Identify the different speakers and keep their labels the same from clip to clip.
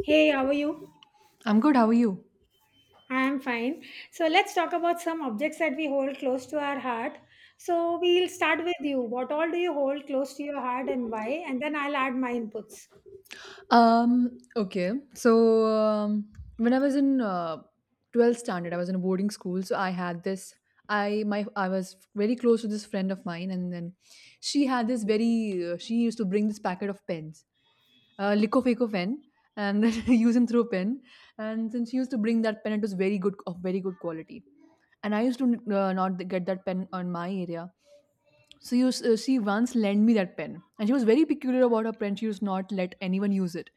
Speaker 1: Hey, how are you?
Speaker 2: I'm good. How are you?
Speaker 1: I am fine. So let's talk about some objects that we hold close to our heart. So we'll start with you. What all do you hold close to your heart and why? And then I'll add my inputs.
Speaker 2: Um, okay. So, um, when I was in 12th standard, I was in a boarding school. So I had this. I was very close to this friend of mine, and then she had this very. She used to bring this packet of pens, Lico Faco pen, and then use and throw pen. And since she used to bring that pen, it was very good of very good quality. And I used to not get that pen on my area. She once lent me that pen, and she was very peculiar about her pen. She was not let anyone use it.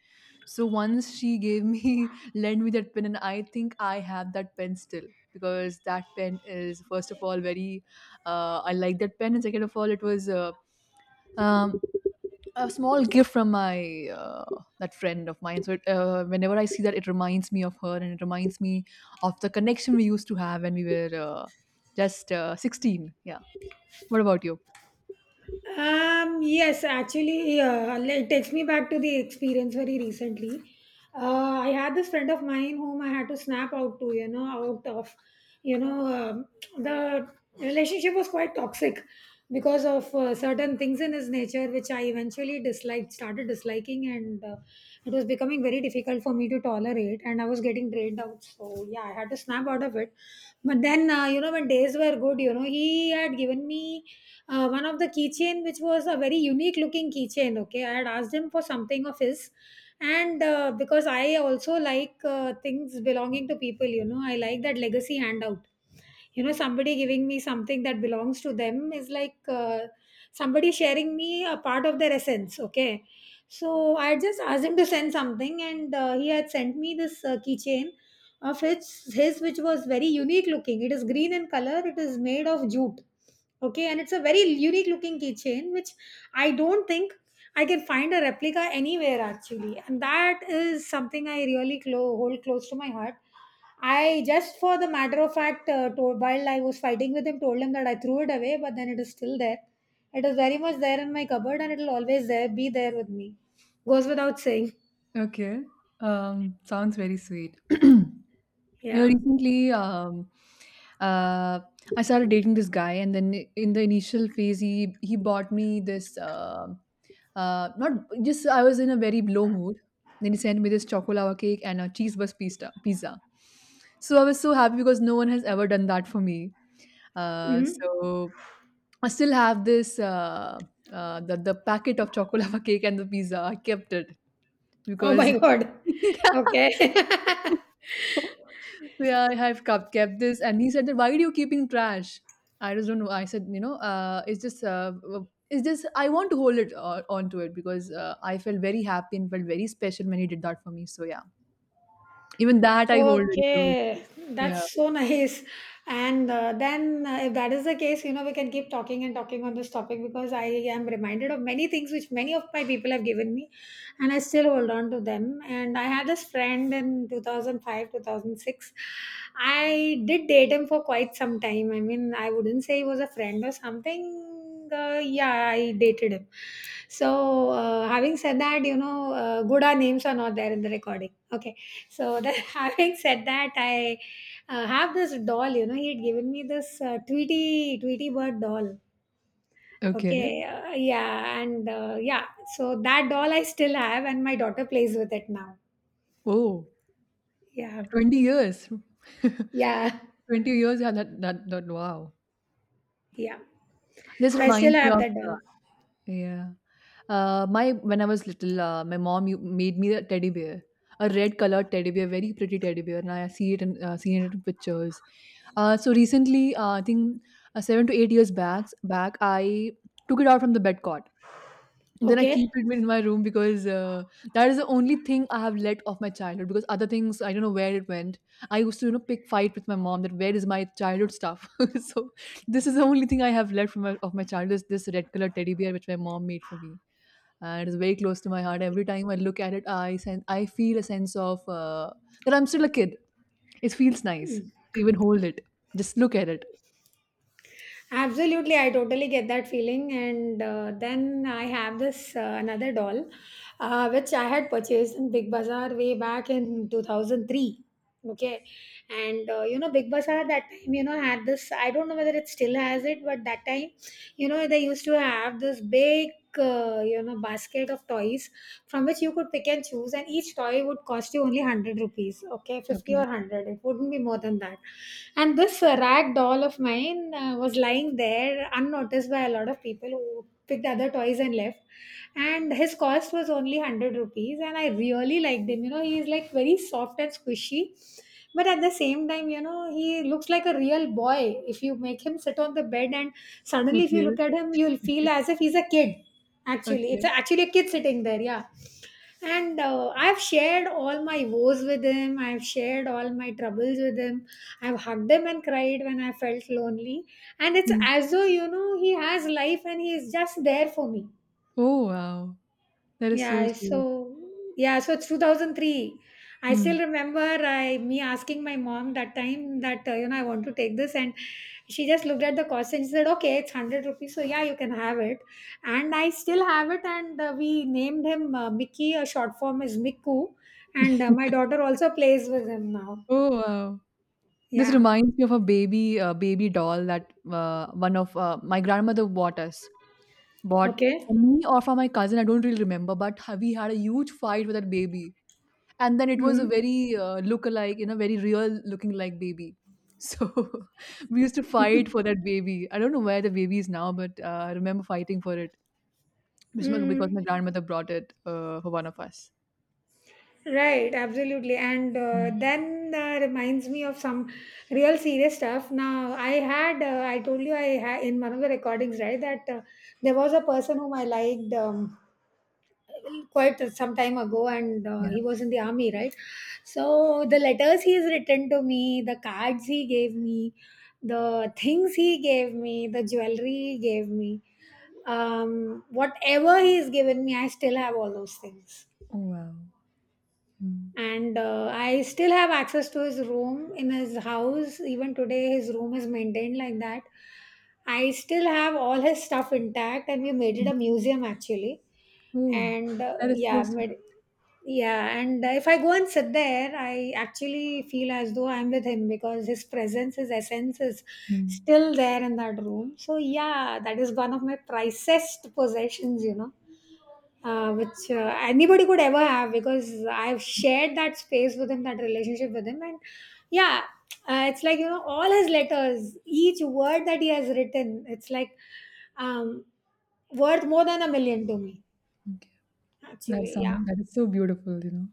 Speaker 2: So once she gave me, lent me that pen, and I think I have that pen still because that pen is first of all, I like that pen, and second of all, it was um, a small gift from my that friend of mine. So whenever I see that, it reminds me of her, and it reminds me of the connection we used to have when we were just 16. Yeah. What about you?
Speaker 1: Yes, actually, it takes me back to the experience very recently. I had this friend of mine whom I had to snap out to, out of, you know, um, the relationship was quite toxic because of certain things in his nature, which I eventually disliked, started disliking, and it was becoming getting very difficult for me to tolerate, and I was getting drained out. So, yeah, I had to snap out of it. But then, when days were good, he had given me one of the keychain, which was a very unique looking keychain. Okay. I had asked him for something of his. And because I also like things belonging to people, I like that legacy handout. Somebody giving me something that belongs to them is like somebody sharing me a part of their essence. Okay. So I just asked him to send something, and he had sent me this keychain of his which was very unique looking. It is green in color. It is made of jute. Okay. And it's a very unique looking keychain which I don't think I can find a replica anywhere, actually. And that is something I really hold close to my heart. I just, for the matter of fact, told, while I was fighting with him, told him that I threw it away, but then it is still there. It is very much there in my cupboard, and it'll always there be there with me. Goes without saying.
Speaker 2: Okay. Sounds very sweet. You know,
Speaker 1: Yeah.
Speaker 2: recently, uh, I started dating this guy, and then in the initial phase, he bought me this. Not Just I was in a very low mood. Then he sent me this chocolate cake and a cheese bus pizza. Pizza. So I was so happy because no one has ever done that for me.
Speaker 1: Hmm.
Speaker 2: So I still have this the packet of chocolate cake and the pizza. I kept it
Speaker 1: Oh my
Speaker 2: because
Speaker 1: god. Okay.
Speaker 2: yeah. So, yeah, I have kept this. And he said that, why are you keeping trash? I just don't know. I said, you know, it's just, it's just, I want to hold it onto it because I felt very happy and felt very special when he did that for me. So yeah, even that I hold very close.
Speaker 1: Okay,
Speaker 2: Yeah.
Speaker 1: that's so nice. And then, if that is the case, we can keep talking and talking on this topic because I am reminded of many things which many of my people have given me, and I still hold on to them. And I had this friend in 2005, 2006. I did date him for quite some time. I mean, I wouldn't say he was a friend or something. Yeah, I dated him. So, having said that, good our names are not there in the recording. Okay, so that having said that, I have this doll. You know, he had given me this Tweety bird doll.
Speaker 2: Okay.
Speaker 1: Okay, yeah, and yeah. So that doll I still have, and my daughter plays with it now.
Speaker 2: Oh,
Speaker 1: Yeah,
Speaker 2: 20 years.
Speaker 1: yeah,
Speaker 2: 20 years. Yeah, that, wow.
Speaker 1: yeah.
Speaker 2: This
Speaker 1: So I still
Speaker 2: reminds me
Speaker 1: have
Speaker 2: of
Speaker 1: that
Speaker 2: uh,
Speaker 1: doll.
Speaker 2: yeah. My when I was little, my mom made me a teddy bear, a red colored teddy bear, very pretty teddy bear, and I see it in seen it in pictures. So recently, I think 7 to 8 years back, I took it out from the bed, then I
Speaker 1: Okay.
Speaker 2: keep it in my room because that is the only thing I have left of my childhood. Because other things, I don't know where it went. I used to, you know, pick fight with my mom that where is my childhood stuff. So this is the only thing I have left from of my childhood. Is this red color teddy bear which my mom made for me, and it's very close to my heart. Every time I look at it, I feel a sense of that I'm still a kid. It feels nice to even hold it. Just look at it.
Speaker 1: Absolutely, I totally get that feeling. And then I have this another doll, which I had purchased in Big Bazaar way back in 2003. Okay, and Big Bazaar that time, had this. I don't know whether it still has it, but that time, they used to have this big, basket of toys from which you could pick and choose, and each toy would cost you only 100 rupees. Okay, 50 or
Speaker 2: Okay.
Speaker 1: 100, it wouldn't be more than that. And this rag doll of mine was lying there unnoticed by a lot of people who picked other toys and left. And his cost was only 100 rupees, and I really liked him. He is like very soft and squishy. But at the same time, he looks like a real boy. If you make him sit on the bed and suddenly if you
Speaker 2: Okay.
Speaker 1: look at him, you'll feel as if he's a kid. Actually, it's
Speaker 2: Okay.
Speaker 1: actually a kid sitting there. Yeah. And I've shared all my woes with him. I've shared all my troubles with him. I've hugged him and cried when I felt lonely. And it's
Speaker 2: Hmm.
Speaker 1: as though, he has life and he is just there for me.
Speaker 2: Oh wow, that is so
Speaker 1: Yeah,
Speaker 2: sweet.
Speaker 1: so yeah, so 2003. I still
Speaker 2: Hmm.
Speaker 1: remember I me asking my mom that time that I want to take this, and she just looked at the cost and she said, "Okay, it's 100 rupees, so yeah, you can have it." And I still have it, and we named him Mickey. A short form is Miku, and my daughter also plays with him now.
Speaker 2: Oh, wow. This
Speaker 1: Yeah.
Speaker 2: reminds me of a baby doll that one of my grandmother bought us. Bought
Speaker 1: Okay.
Speaker 2: for me or for my cousin, I don't really remember, but we had a huge fight with that baby. And then it was a
Speaker 1: Mm-hmm.
Speaker 2: very look-alike, you know, very real-looking like baby. So we used to fight for that baby. I don't know where the baby is now, but I remember fighting for it because
Speaker 1: Mm.
Speaker 2: my grandmother brought it for one of us.
Speaker 1: Right, absolutely. And
Speaker 2: Yeah.
Speaker 1: then reminds me of some real serious stuff. Now, I told you, I had in one of the recordings, right, that there was a person whom I liked quite some time ago, and
Speaker 2: Yeah.
Speaker 1: he was in the army, right? So, the letters he has written to me, the cards he gave me, the things he gave me, the jewelry he gave me, whatever he's given me, I still have all those things.
Speaker 2: Oh, wow. Mm.
Speaker 1: And I still have access to his room in his house. Even today his room is maintained like that. I still have all his stuff intact, and we made it
Speaker 2: Mm.
Speaker 1: a museum, actually.
Speaker 2: Oh,
Speaker 1: And
Speaker 2: that is so sweet.
Speaker 1: yeah, and if I go and sit there, I actually feel as though I'm with him because his presence, his essence is
Speaker 2: Mm.
Speaker 1: still there in that room. So yeah, that is one of my pricest possessions, you know. Which anybody could ever have, because I've shared that space with him, that relationship with him. And yeah, it's like, all his letters, each word that he has written, it's like um, worth more than a million to me.
Speaker 2: That
Speaker 1: Actually, yeah,
Speaker 2: sound that is so beautiful, you know.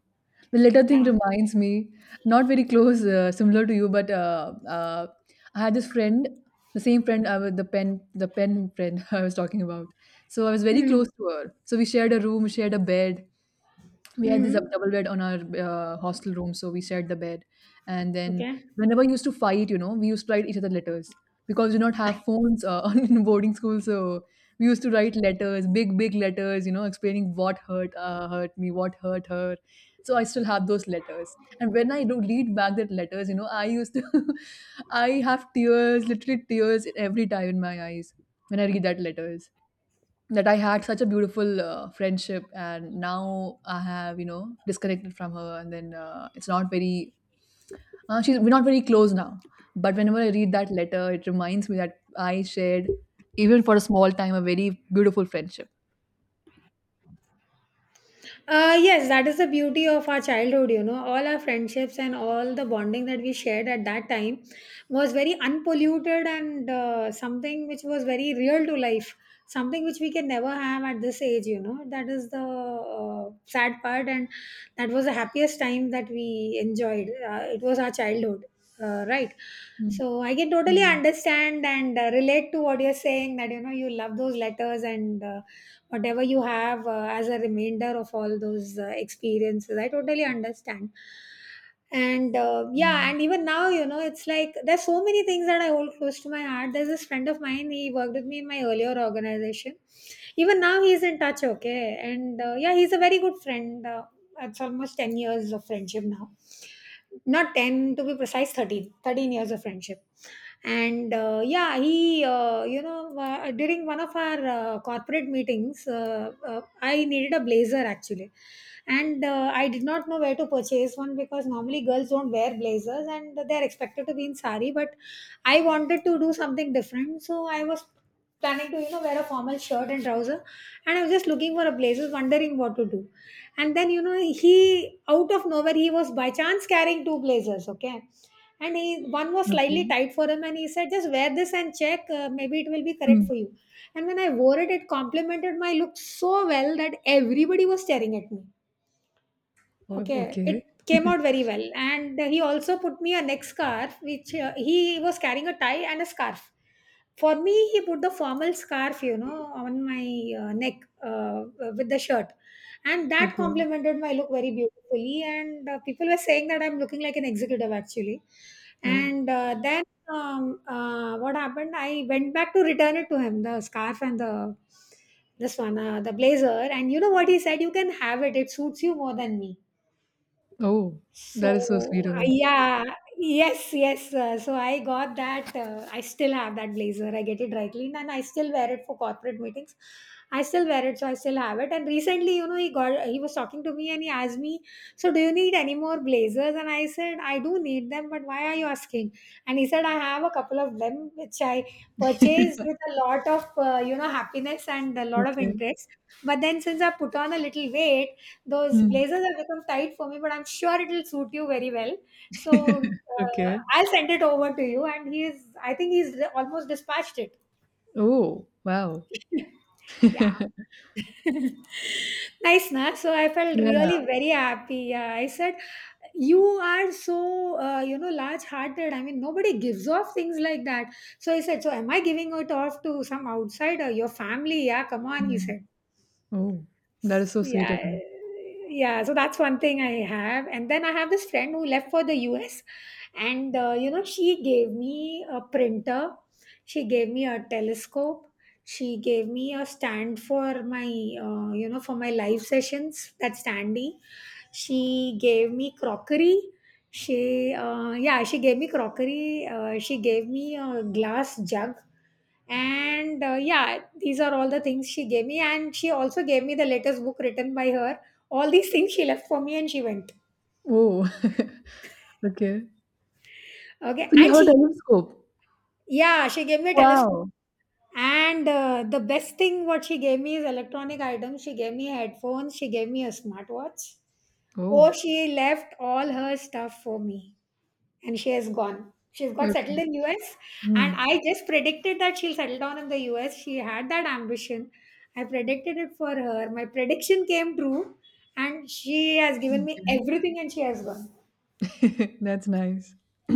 Speaker 2: The letter thing
Speaker 1: yeah.
Speaker 2: reminds me, not very close, similar to you, but I had this friend, the same friend, the pen friend I was talking about. So I was very close to her. So we shared a room, shared a bed, we had this
Speaker 1: Mm-hmm.
Speaker 2: double bed on our hostel room, so we shared the bed. And then
Speaker 1: Okay.
Speaker 2: whenever we used to fight, you know, we used to write each other letters because we did not have phones in boarding school. So we used to write letters, big, big letters, you know, explaining what hurt me, what hurt her. So I still have those letters. And when I do read back that letters, you know, I have tears, literally tears every time in my eyes when I read that letters that I had such a beautiful friendship, and now I have you know disconnected from her, and then it's not very she's we're not very close now. But whenever I read that letter, it reminds me that I shared, even for a small time, a very beautiful friendship.
Speaker 1: Yes, that is the beauty of our childhood, you know. All our friendships and all the bonding that we shared at that time was very unpolluted and something which was very real to life, something which we can never have at this age, you know. That is the sad part, and that was the happiest time that we enjoyed. It was our childhood, right?
Speaker 2: Mm.
Speaker 1: So I can totally
Speaker 2: Yeah.
Speaker 1: understand and relate to what you're saying, that, you know, you love those letters and whatever you have as a remainder of all those experiences. I totally understand. And yeah,
Speaker 2: Yeah.
Speaker 1: and even now, you know, it's like there's so many things that I hold close to my heart. There's this friend of mine, he worked with me in my earlier organization. Even now he's in touch, okay? And yeah, he's a very good friend. It's almost 10 years of friendship now. Not 10, to be precise, 13. 13 years of friendship. And yeah, during one of our corporate meetings, I needed a blazer, actually. And I did not know where to purchase one because normally girls don't wear blazers and they're expected to be in sari, but I wanted to do something different, so I was planning to wear a formal shirt and trouser. And I was just looking for a place, was wondering what to do. And then, you know, he out of nowhere he was by chance carrying two blazers. Okay. And he one was slightly
Speaker 2: Okay.
Speaker 1: tight for him and he said, just wear this and check, maybe it will be correct
Speaker 2: Mm.
Speaker 1: for you. And when I wore it, it complemented my look so well that everybody was staring at me. Okay,
Speaker 2: Okay.
Speaker 1: it came out very well. And he also put me a neck scarf, which he was carrying a tie and a scarf. For me, he put the formal scarf, you know, on my neck uh, uh, with the shirt. And that
Speaker 2: Okay.
Speaker 1: complemented my look very beautifully. And people were saying that I'm looking like an executive, actually.
Speaker 2: Oh.
Speaker 1: And then what happened? I went back to return it to him, the scarf and the this one, the blazer. And you know what he said? You can have it. It suits you more than me.
Speaker 2: Oh. That is so sweet of her.
Speaker 1: Yeah, yes, yes. So I got that. I still have that blazer. I get it dry cleaned, and I still wear it for corporate meetings. I still wear it, so I still have it. And recently, you know, he was talking to me, and he asked me, "So do you need any more blazers?" And I said, "I do need them, but why are you asking?" And he said, "I have a couple of them which I purchased with a lot of happiness and a lot of
Speaker 2: Okay.
Speaker 1: interest. But then since I put on a little weight." Those
Speaker 2: Mm.
Speaker 1: blazers have become tight for me, but I'm sure it will suit you very well. So
Speaker 2: Okay.
Speaker 1: I'll send it over to you. And he is, I think he's almost dispatched it.
Speaker 2: Oh. Wow.
Speaker 1: Yeah. Nice, na? So I felt
Speaker 2: Yeah.
Speaker 1: really very happy. Yeah, I said, you are so, large-hearted. I mean, nobody gives off things like that. So he said, so am I giving it off to some outsider, your family? Yeah, come on, he
Speaker 2: Yeah.
Speaker 1: said.
Speaker 2: Oh, that is so sweet of
Speaker 1: Yeah,
Speaker 2: him.
Speaker 1: yeah, so that's one thing I have. And then I have this friend who left for the US. And she gave me a printer. She gave me a telescope. She gave me a stand for my for my live sessions, that standy. She gave me crockery. She Yeah, she gave me crockery. She gave me a glass jug. And yeah, these are all the things she gave me. And she also gave me the latest book written by her. All these things she left for me, and she went.
Speaker 2: Oh, okay.
Speaker 1: Okay.
Speaker 2: So you
Speaker 1: And
Speaker 2: have a
Speaker 1: she
Speaker 2: telescope.
Speaker 1: yeah, she gave me a telescope.
Speaker 2: Wow.
Speaker 1: And the best thing what she gave me is electronic items. She gave me headphones, she gave me a smartwatch. Oh,
Speaker 2: Oh,
Speaker 1: she left all her stuff for me. And she has gone. She's got
Speaker 2: okay.
Speaker 1: settled in US, and
Speaker 2: Hmm.
Speaker 1: I just predicted that she'll settle down in the US. She had that ambition. I predicted it for her. My prediction came true, and she has given me everything, and she has gone.
Speaker 2: Okay. That's nice.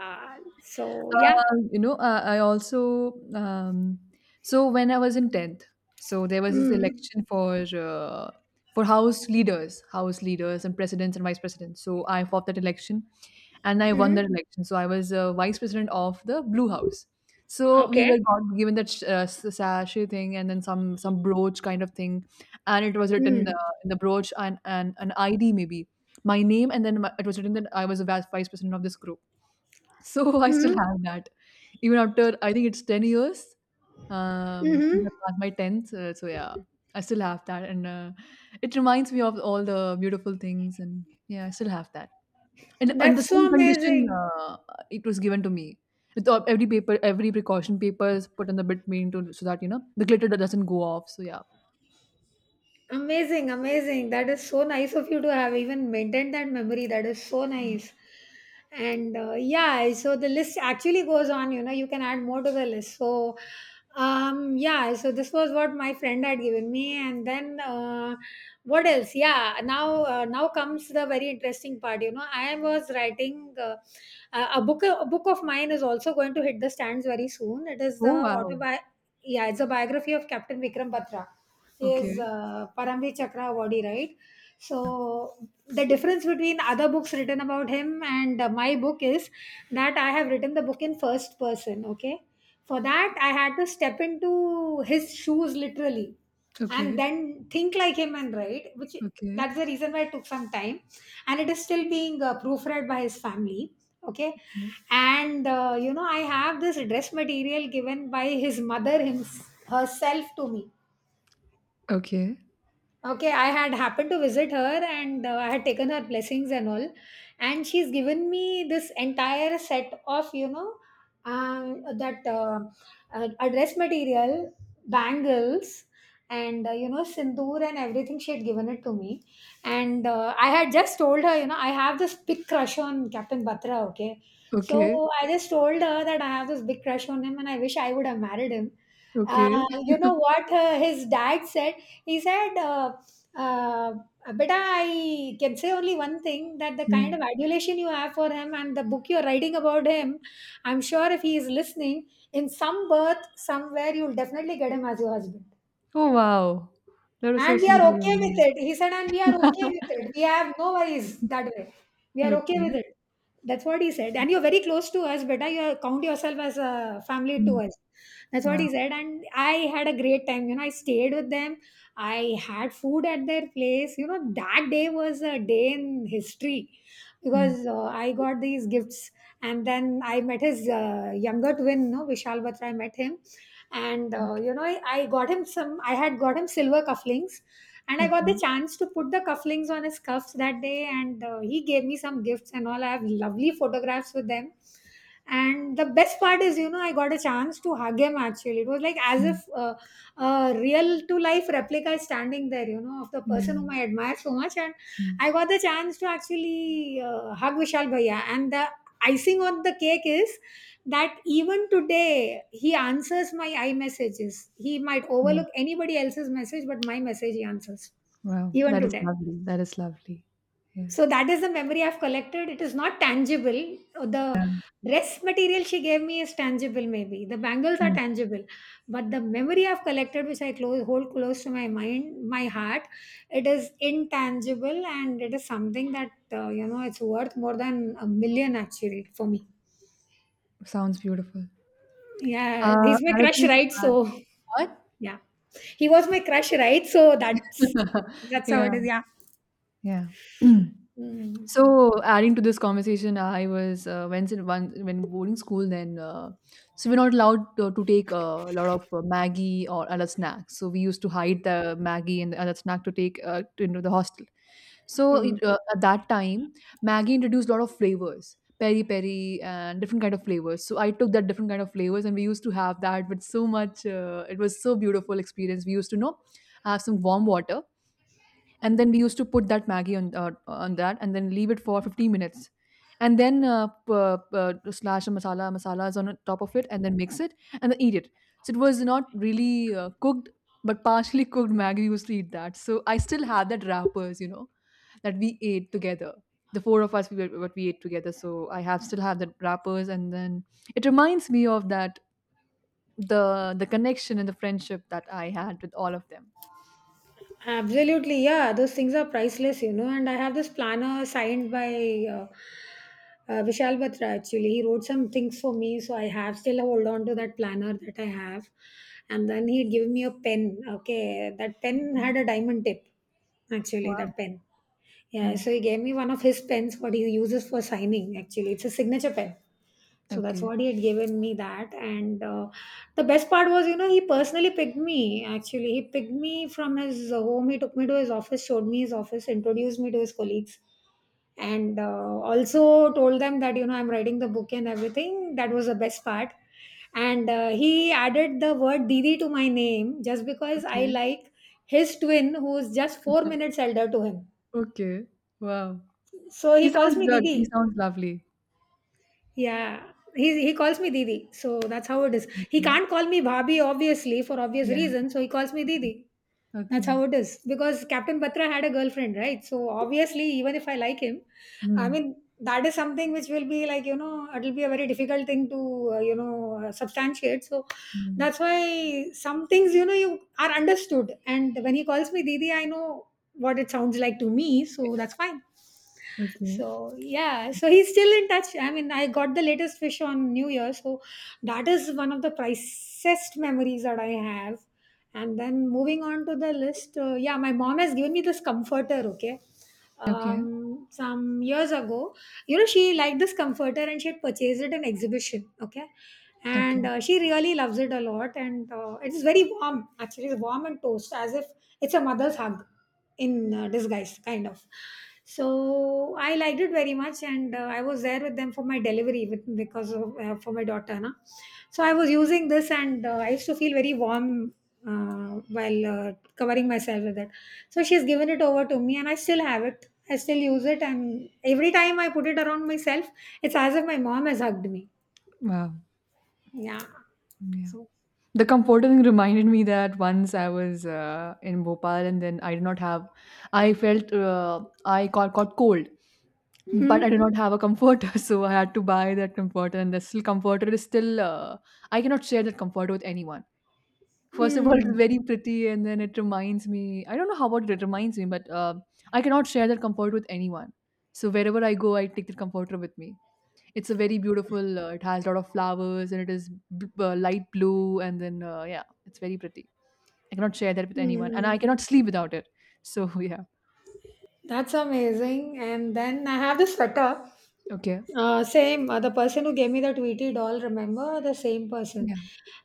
Speaker 1: Uh, so yeah.
Speaker 2: You know, I also so when I was in tenth, so there was this
Speaker 1: Mm.
Speaker 2: election for house leaders and presidents and vice presidents. So I fought that election, and I won
Speaker 1: Hmm.
Speaker 2: that election. So I was vice president of the Blue House. So we
Speaker 1: Okay.
Speaker 2: were got given that sachet thing and then some brooch kind of thing, and it was written
Speaker 1: Mm.
Speaker 2: in the brooch and an ID maybe my name, and then it was written that I was a vice president of this group. So I still
Speaker 1: Hmm.
Speaker 2: have that, even after I think it's 10 years since
Speaker 1: Hmm.
Speaker 2: I passed my tenth. So yeah, I still have that, and it reminds me of all the beautiful things, and yeah, I still have that. And in the
Speaker 1: That's
Speaker 2: same
Speaker 1: so
Speaker 2: condition,
Speaker 1: amazing.
Speaker 2: it was given to me. With every paper, every precaution paper is put in the between to so that you know the glitter doesn't go off. So yeah.
Speaker 1: Amazing, amazing. That is so nice of you to have even maintained that memory. That is so
Speaker 2: Mm.
Speaker 1: nice. And yeah, so the list actually goes on. You can add more to the list. So, yeah, so this was what my friend had given me. And then what else? Yeah, now comes the very interesting part. You know, I was writing a book, a book of mine is also going to hit the stands very soon. It is the
Speaker 2: Oh wow.
Speaker 1: autobi. Yeah, it's a biography of Captain Vikram Batra, is
Speaker 2: Okay.
Speaker 1: Paramveer Chakravarti, right? So the difference between other books written about him and my book is that I have written the book in first person. Okay, for that I had to step into his shoes literally, and
Speaker 2: Okay.
Speaker 1: then think like him and write, which
Speaker 2: Okay.
Speaker 1: that's the reason why it took some time, and it is still being proofread by his family. Okay,
Speaker 2: Okay.
Speaker 1: and I have this dress material given by his mother himself herself to me.
Speaker 2: Okay.
Speaker 1: Okay, I had happened to visit her and I had taken her blessings and all. And she's given me this entire set of, you know, that a dress material, bangles, and, sindoor and everything. She had given it to me. And I had just told her, I have this big crush on Captain Batra, okay?
Speaker 2: Okay.
Speaker 1: So I just told her that I have this big crush on him and I wish I would have married him.
Speaker 2: Okay.
Speaker 1: Uh, you know what his dad said? He said, uh, beta, I can say only one thing, that the kind
Speaker 2: Mm.
Speaker 1: of adulation you have for him and the book you're writing about him, I'm sure if he is listening, in some birth, somewhere, you'll definitely get him as your husband.
Speaker 2: Oh wow. That is so
Speaker 1: And we
Speaker 2: sweet.
Speaker 1: are
Speaker 2: Of
Speaker 1: okay with
Speaker 2: them.
Speaker 1: it. He said, and we are okay with it. We have no worries that way. We
Speaker 2: Yeah.
Speaker 1: are okay with
Speaker 2: Okay.
Speaker 1: it. That's what he said. And you're very close to us, beta. You are- count yourself as a family to
Speaker 2: Mm.
Speaker 1: us. That's what
Speaker 2: Wow.
Speaker 1: he said. And I had a great time. You know, I stayed with them. I had food at their place. You know, that day was a day in history,
Speaker 2: Mm.
Speaker 1: because I got these gifts. And then I met his younger twin, no, Vishal Batra. I met him and I had got him silver cufflinks. And I got the
Speaker 2: Okay.
Speaker 1: chance to put the cufflinks on his cuffs that day. And he gave me some gifts and all. I have lovely photographs with them. And the best part is, I got a chance to hug him. Actually, it was like as
Speaker 2: Mm.
Speaker 1: if a real to life replica is standing there, of the person whom
Speaker 2: Yeah.
Speaker 1: I admire so much. And I
Speaker 2: Mm.
Speaker 1: got the chance to actually hug Vishal bhaiya. And the icing on the cake is that even today he answers my I messages. He might
Speaker 2: Mm.
Speaker 1: overlook anybody else's message, but my message he answers,
Speaker 2: Wow.
Speaker 1: even
Speaker 2: That is
Speaker 1: today.
Speaker 2: lovely. That is lovely. Yeah.
Speaker 1: So that is the memory I've collected. It is not tangible. The dress material she gave me is tangible, maybe the bangles are
Speaker 2: Mm.
Speaker 1: tangible. But the memory I've collected, which hold close to my mind, my heart, it is intangible. And it is something that it's worth more than a million actually for me.
Speaker 2: Sounds beautiful.
Speaker 1: Yeah, he's my
Speaker 2: Another
Speaker 1: crush,
Speaker 2: thing to
Speaker 1: right?
Speaker 2: add.
Speaker 1: So.
Speaker 2: What?
Speaker 1: Yeah. He was my crush, right? So that's that's how
Speaker 2: Yeah,
Speaker 1: it is. Yeah.
Speaker 2: yeah. Mm.
Speaker 1: Mm.
Speaker 2: So adding to this conversation, I was once in one when boarding school. So we're not allowed to take a lot of Maggie or other snacks. So we used to hide the Maggie and the other snack to take into the hostel. So
Speaker 1: Mm.
Speaker 2: at that time, Maggie introduced a lot of flavors, peri peri and different kind of flavors. So I took that different kind of flavors, and we used to have that with so much. It was so beautiful experience. We used to you know have some warm water and then we used to put that Maggie on that, and then leave it for 15 minutes, and then p- slash the masalas on top of it, and then mix it, and then eat it. So it was not really cooked, but partially cooked Maggie. We used to eat that, so I still have that wrappers, you know, that we ate together. The four of us, we were, What we ate together. So I have still have that wrappers, and then it reminds me of that the connection and the friendship that I had with all of them.
Speaker 1: Absolutely, yeah, those things are priceless. And I have this planner signed by Vishal Batra actually. He wrote some things for me, so I have still hold on to that planner that I have. And then he'd give me a pen. Okay, that pen
Speaker 2: Okay.
Speaker 1: had a diamond tip actually,
Speaker 2: Wow.
Speaker 1: that pen. Yeah,
Speaker 2: Mm.
Speaker 1: so he gave me one of his pens, what he uses for signing actually. It's a signature pen. So that's
Speaker 2: Okay.
Speaker 1: what he had given me, that. And the best part was, he personally picked me actually. He picked me from his home, he took me to his office, showed me his office, introduced me to his colleagues, and also told them that, I'm writing the book and everything. That was the best part. And he added the word Didi to my name just because I like his twin, who's just 4 minutes elder to him.
Speaker 2: Okay. Wow.
Speaker 1: So
Speaker 2: He
Speaker 1: he calls
Speaker 2: sounds
Speaker 1: me
Speaker 2: good. He
Speaker 1: Didi.
Speaker 2: sounds lovely.
Speaker 1: Yeah. He calls me Didi. So that's how it is. He
Speaker 2: Okay.
Speaker 1: can't call me Bhabi, obviously, for obvious
Speaker 2: Yeah.
Speaker 1: reasons. So he calls me Didi. That's
Speaker 2: Okay.
Speaker 1: how it is. Because Captain Patra had a girlfriend, right? So obviously, even if I like him, I
Speaker 2: Mm.
Speaker 1: mean, that is something which will be like, it'll be a very difficult thing to, substantiate. So
Speaker 2: Mm.
Speaker 1: that's why some things, you are understood. And when he calls me Didi, I know what it sounds like to me. So that's fine.
Speaker 2: Okay.
Speaker 1: So yeah, so he's still in touch. I mean, I got the latest fish on New Year, so that is one of the priciest memories that I have. And then moving on to the list, yeah, my mom has given me this comforter, okay,
Speaker 2: Okay.
Speaker 1: some years ago. You know, she liked this comforter and she had purchased it in exhibition, okay.
Speaker 2: Okay.
Speaker 1: And she really loves it a lot. And it is very warm actually, it's warm and toast, as if it's a mother's hug, in disguise kind of. So I liked it very much. And I was there with them for my delivery, with because of for my daughter, na? So I was using this. And I used to feel very warm while covering myself with it. So she's given it over to me, and I still have it, I still use it. And every time I put it around myself, it's as if my mom has hugged me.
Speaker 2: Wow.
Speaker 1: Yeah.
Speaker 2: Yeah.
Speaker 1: So.
Speaker 2: The comforter thing reminded me that once I was in Bhopal and then I did not have, I felt got cold,
Speaker 1: Mhm.
Speaker 2: but I did not have a comforter. So I had to buy that comforter and the still comforter is still, I cannot share that comforter with anyone. First of all, it's
Speaker 1: Mhm.
Speaker 2: very pretty, and then it reminds me. I don't know how about it, reminds me, but I cannot share that comforter with anyone. So wherever I go, I take the comforter with me. It's a very beautiful. It has a lot of flowers, and it is light blue, and then yeah, it's very pretty. I cannot share that with anyone, and I
Speaker 1: Mhm.
Speaker 2: cannot sleep without it. So yeah,
Speaker 1: That's amazing. And then I have this sweater.
Speaker 2: okay,
Speaker 1: Same, the person who gave me the Tweety doll, remember? The same person.
Speaker 2: yeah,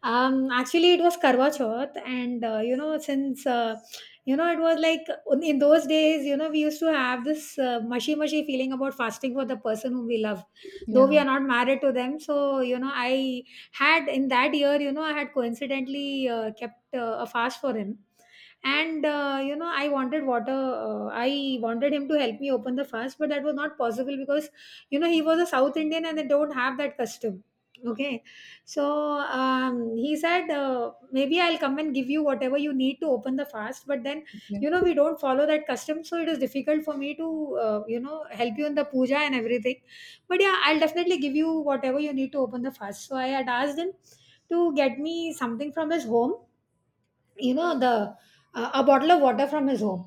Speaker 1: Actually, it was Karwa Chauth, and since it was like in those days, we used to have this mushy mushy feeling about fasting for the person whom we love, though we
Speaker 2: yeah,
Speaker 1: are not married to them. So, you know, I had in that year, you know, I had coincidentally kept a fast for him and you know, I wanted water, I wanted him to help me open the fast, but that was not possible because you know, he was a South Indian and they don't have that custom. Okay. So he said, maybe I'll come and give you whatever you need to open the fast, but then
Speaker 2: yeah.
Speaker 1: you know, we don't follow that custom, so it is difficult for me to help you in the puja and everything, but yeah, I'll definitely give you whatever you need to open the fast. So I had asked him to get me something from his home, you know, the a bottle of water from his home.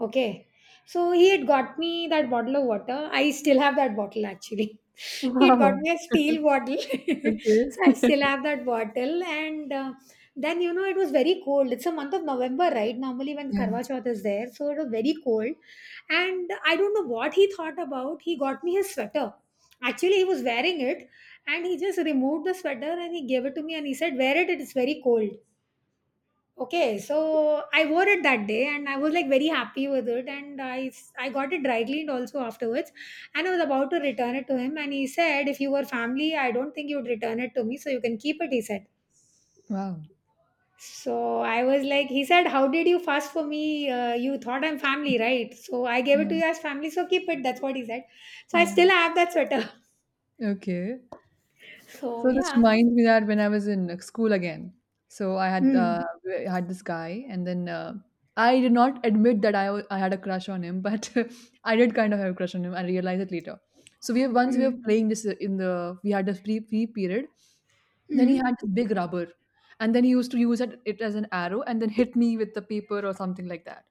Speaker 1: Okay. So he had got me that bottle of water. I still have that bottle actually. He had got
Speaker 2: Wow.
Speaker 1: me a steel bottle.
Speaker 2: Okay.
Speaker 1: So I still have that bottle. And then you know, it was very cold. It's a month of November, right? Normally when
Speaker 2: Yeah.
Speaker 1: Karwa Chauth is there, so it was very cold and I don't know what he thought about, he got me his sweater. Actually, he was wearing it and he just removed the sweater and he gave it to me and he said, wear it, it's very cold. Okay, so I wore it that day and I was like very happy with it, and I got it dry cleaned also afterwards, and I was about to return it to him and he said, if you were family, I don't think you'd return it to me, so you can keep it, he said.
Speaker 2: Wow.
Speaker 1: So I was like, he said, how did you fast for me? You thought I'm family, right? So I gave it
Speaker 2: Yeah.
Speaker 1: to you as family, so keep it, that's what he said. So I
Speaker 2: Yeah.
Speaker 1: still have that sweater.
Speaker 2: Okay.
Speaker 1: So
Speaker 2: So this
Speaker 1: yeah.
Speaker 2: reminds me that when I was in school again, so
Speaker 1: Mm.
Speaker 2: I had this guy, and then I did not admit that I had a crush on him, but I did kind of have a crush on him. I realized it later. So we have, once we were
Speaker 1: Mm.
Speaker 2: playing this in the we had this free period. Then he
Speaker 1: Mm.
Speaker 2: had this big rubber, and then he used to use it as an arrow, and then hit me with the paper or something like that.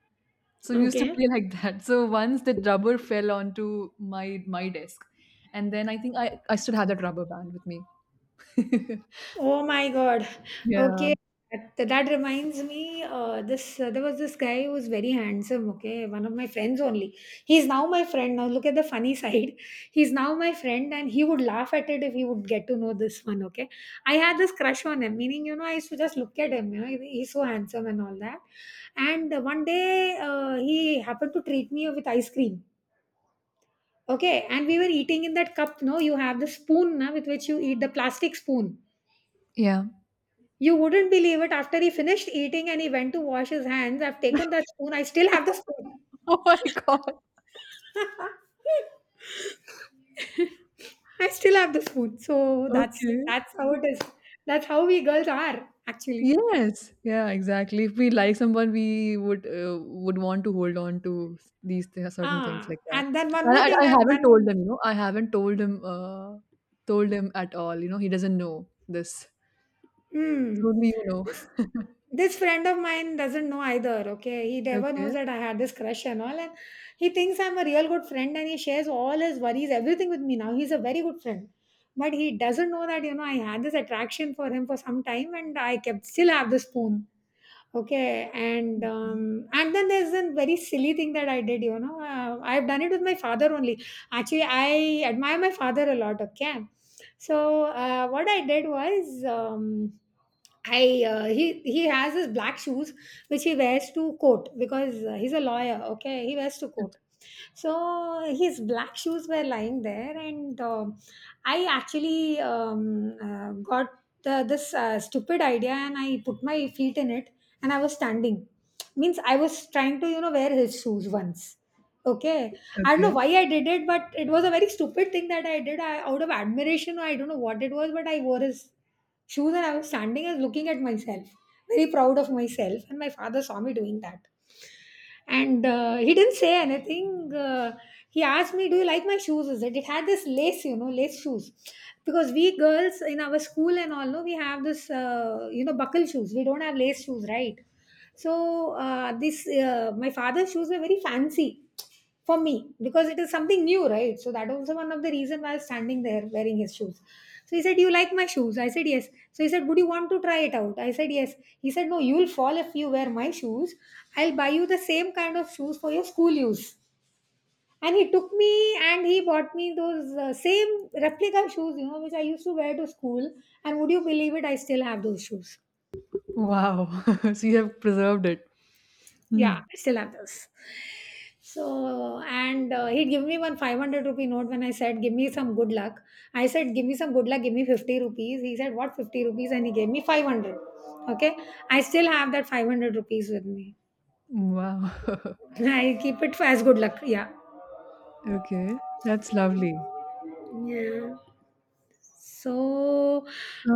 Speaker 2: So we used to
Speaker 1: Okay.
Speaker 2: play like that. So once the rubber fell onto my my desk, and then I think I still have that rubber band with me.
Speaker 1: Oh my God.
Speaker 2: Yeah,
Speaker 1: Okay. That reminds me, this there was this guy who was very handsome. Okay, one of my friends only. He's now my friend. Now look at the funny side. He's now my friend, and he would laugh at it if he would get to know this one. Okay, I had this crush on him. Meaning, you know, I used to just look at him. You know, he's so handsome and all that. And one day, he happened to treat me with ice cream. Okay, and we were eating in that cup. No, you have the spoon na, with which you eat, the plastic spoon.
Speaker 2: yeah.
Speaker 1: You wouldn't believe it. After he finished eating and he went to wash his hands, I've taken that spoon. I still have the spoon.
Speaker 2: Oh my God.
Speaker 1: I still have the spoon. So that's
Speaker 2: Okay.
Speaker 1: that's how it is. That's how we girls are actually.
Speaker 2: Yes. Yeah, exactly. If we like someone, we would want to hold on to certain things
Speaker 1: Ah,
Speaker 2: like that.
Speaker 1: and then one
Speaker 2: And
Speaker 1: more thing
Speaker 2: I
Speaker 1: I've
Speaker 2: haven't told
Speaker 1: done.
Speaker 2: him, you know, I haven't told him at all. You know, he doesn't know this.
Speaker 1: Hmm.
Speaker 2: Only you know.
Speaker 1: This this friend of mine doesn't know either. Okay, he never knows
Speaker 2: Okay.
Speaker 1: that I had this crush and all, and he thinks I'm a real good friend, and he shares all his worries, everything with me now. He's a very good friend, but he doesn't know that you know, I had this attraction for him for some time, and I kept, still have the spoon. Okay,
Speaker 2: Mhm.
Speaker 1: and then there's a very silly thing that I did. You know, I've done it with my father only. Actually, I admire my father a lot. Okay, so what I did was. I he has his black shoes which he wears to court because he's a lawyer. Okay, he wears to court. So his black shoes were lying there, and I actually got this stupid idea, and I put my feet in it, and I was standing. Means I was trying to, you know, wear his shoes once. Okay, I don't know
Speaker 2: Okay.
Speaker 1: why I did it, but it was a very stupid thing that I did, I, out of admiration. I don't know what it was, but I wore his shoes and I was standing and looking at myself, very proud of myself. And my father saw me doing that. And he didn't say anything. He asked me, do you like my shoes? Is it? It had this lace, you know, lace shoes. Because we girls in our school and all, no, we have this, buckle shoes. We don't have lace shoes, right? So, this, my father's shoes were very fancy for me because it is something new, right? So, that was one of the reason why I was standing there wearing his shoes. So he said, you like my shoes? I said, yes. So he said, would you want to try it out? I said, yes. He said, no, you'll fall if you wear my shoes. I'll buy you the same kind of shoes for your school use. And he took me and he bought me those same replica shoes, you know, which I used to wear to school. And would you believe it? I still have those shoes.
Speaker 2: Wow. So you have preserved it. Hmm.
Speaker 1: Yeah, I still have those. So, and he gave me one 500 rupee note when I said, give me some good luck. I said, give me some good luck, give me 50 rupees. He said, what 50 rupees? And he gave me 500. Okay. I still have that 500 rupees with me.
Speaker 2: Wow.
Speaker 1: I keep it for as good luck. Yeah.
Speaker 2: Okay. That's lovely.
Speaker 1: Yeah. So,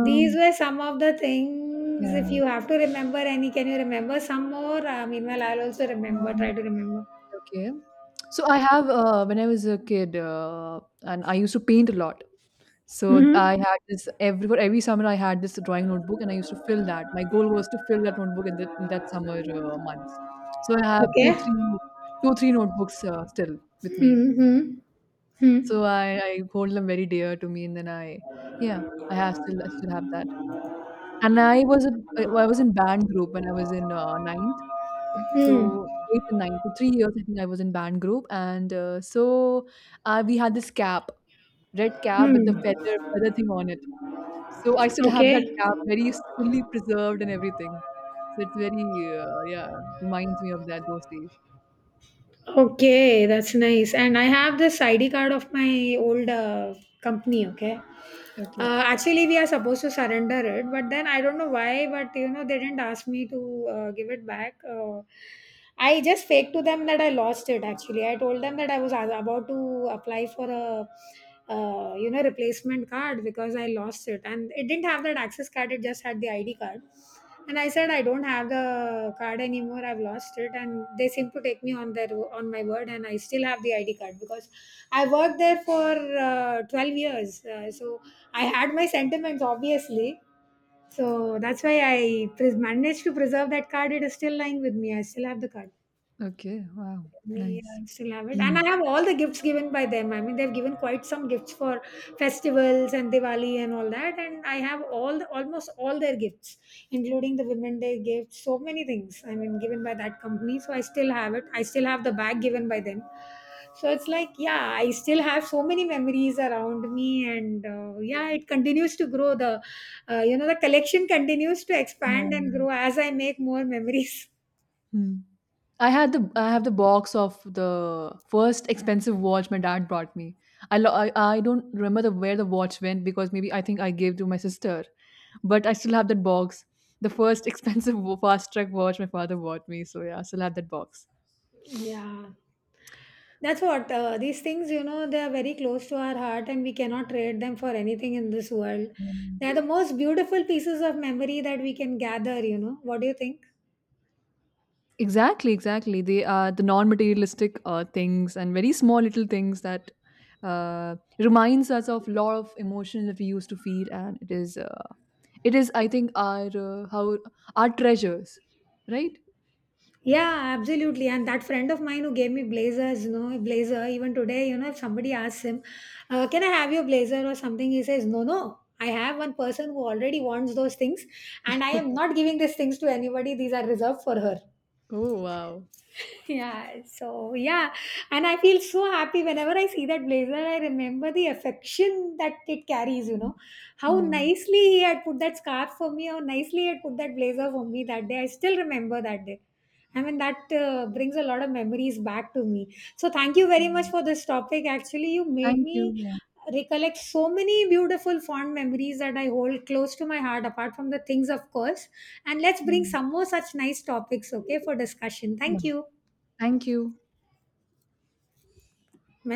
Speaker 1: these were some of the things. If you
Speaker 2: yeah.
Speaker 1: have to remember any, can you remember some more? Meanwhile, try to remember.
Speaker 2: Okay. So I have, when I was a kid, and I used to paint a lot. So I
Speaker 1: Hmm.
Speaker 2: had this every for every summer I had this drawing notebook and I used to fill that. My goal was to fill that notebook in that summer months. So I have
Speaker 1: Okay.
Speaker 2: two, three notebooks still with me.
Speaker 1: Mm-hmm. Hmm.
Speaker 2: So I hold them very dear to me, and then I, yeah, I have still I still have that. And I was in band group when I was in ninth.
Speaker 1: Hmm.
Speaker 2: So 8 and 9, for 3 years I think I was in band group and we had this cap, red cap with the
Speaker 1: Hmm.
Speaker 2: feather thing on it. So I still have that
Speaker 1: Okay.
Speaker 2: cap very fully preserved and everything. So it's very, yeah, it reminds me of that, those days.
Speaker 1: Okay. That's nice. And I have this ID card of my old company. Okay.
Speaker 2: Okay.
Speaker 1: Actually, we are supposed to surrender it, but then I don't know why, but you know, they didn't ask me to give it back. I just faked to them that I lost it actually. I told them that I was about to apply for a replacement card because I lost it, and it didn't have that access card, it just had the ID card. And I said I don't have the card anymore. I've lost it, and they seem to take me on their on my word. And I still have the ID card because I worked there for 12 years. So I had my sentiments, obviously. So that's why I managed to preserve that card. It is still lying with me. I still have the card.
Speaker 2: Okay, wow,
Speaker 1: Yeah,
Speaker 2: nice.
Speaker 1: I still have it. And I have all the gifts given by them. I mean, they've given quite some gifts for festivals and Diwali and all that. And I have all the, almost all their gifts, including the Women Day gifts, so many things, I mean, given by that company. So I still have it. I still have the bag given by them. So it's like, yeah, I still have so many memories around me. And yeah, it continues to grow. The collection continues to
Speaker 2: Yeah.
Speaker 1: expand and grow as I make more memories.
Speaker 2: Hmm. I have the box of the first expensive watch my dad brought me. I don't remember where the watch went because maybe I think I gave to my sister, but I still have that box. The first expensive fast track watch my father bought me. So yeah, I still have that box.
Speaker 1: Yeah. That's what these things, you know, they are very close to our heart and we cannot trade them for anything in this world. They are the most beautiful pieces of memory that we can gather, you know. What do you think?
Speaker 2: Exactly, exactly. They are the non-materialistic things and very small little things that reminds us of lot of emotions that we used to feel, and it is I think, our how our treasures, right?
Speaker 1: Yeah, absolutely. And that friend of mine who gave me blazers, you know, blazer, even today, you know, if somebody asks him, can I have your blazer or something, he says, no, no. I have one person who already wants those things, and I am not giving these things to anybody. These are reserved for her.
Speaker 2: Oh, wow.
Speaker 1: Yeah, so yeah, and I feel so happy whenever I see that blazer. I remember the affection that it carries, you
Speaker 2: Mm.
Speaker 1: know, how
Speaker 2: Yeah.
Speaker 1: nicely he had put that scarf for me, how nicely he had put that blazer for me that day. I still remember that day. I mean, that brings a lot of memories back to me. So thank you very much
Speaker 2: Yeah.
Speaker 1: for this topic, actually, you made
Speaker 2: Thank you.
Speaker 1: me
Speaker 2: Yeah.
Speaker 1: recollect so many beautiful fond memories that I hold close to my heart, apart from the things, of course. And let's bring
Speaker 2: Mm.
Speaker 1: some more such nice topics, okay, for discussion.
Speaker 2: Yeah.
Speaker 1: Thank you.
Speaker 2: Thank you.
Speaker 1: میں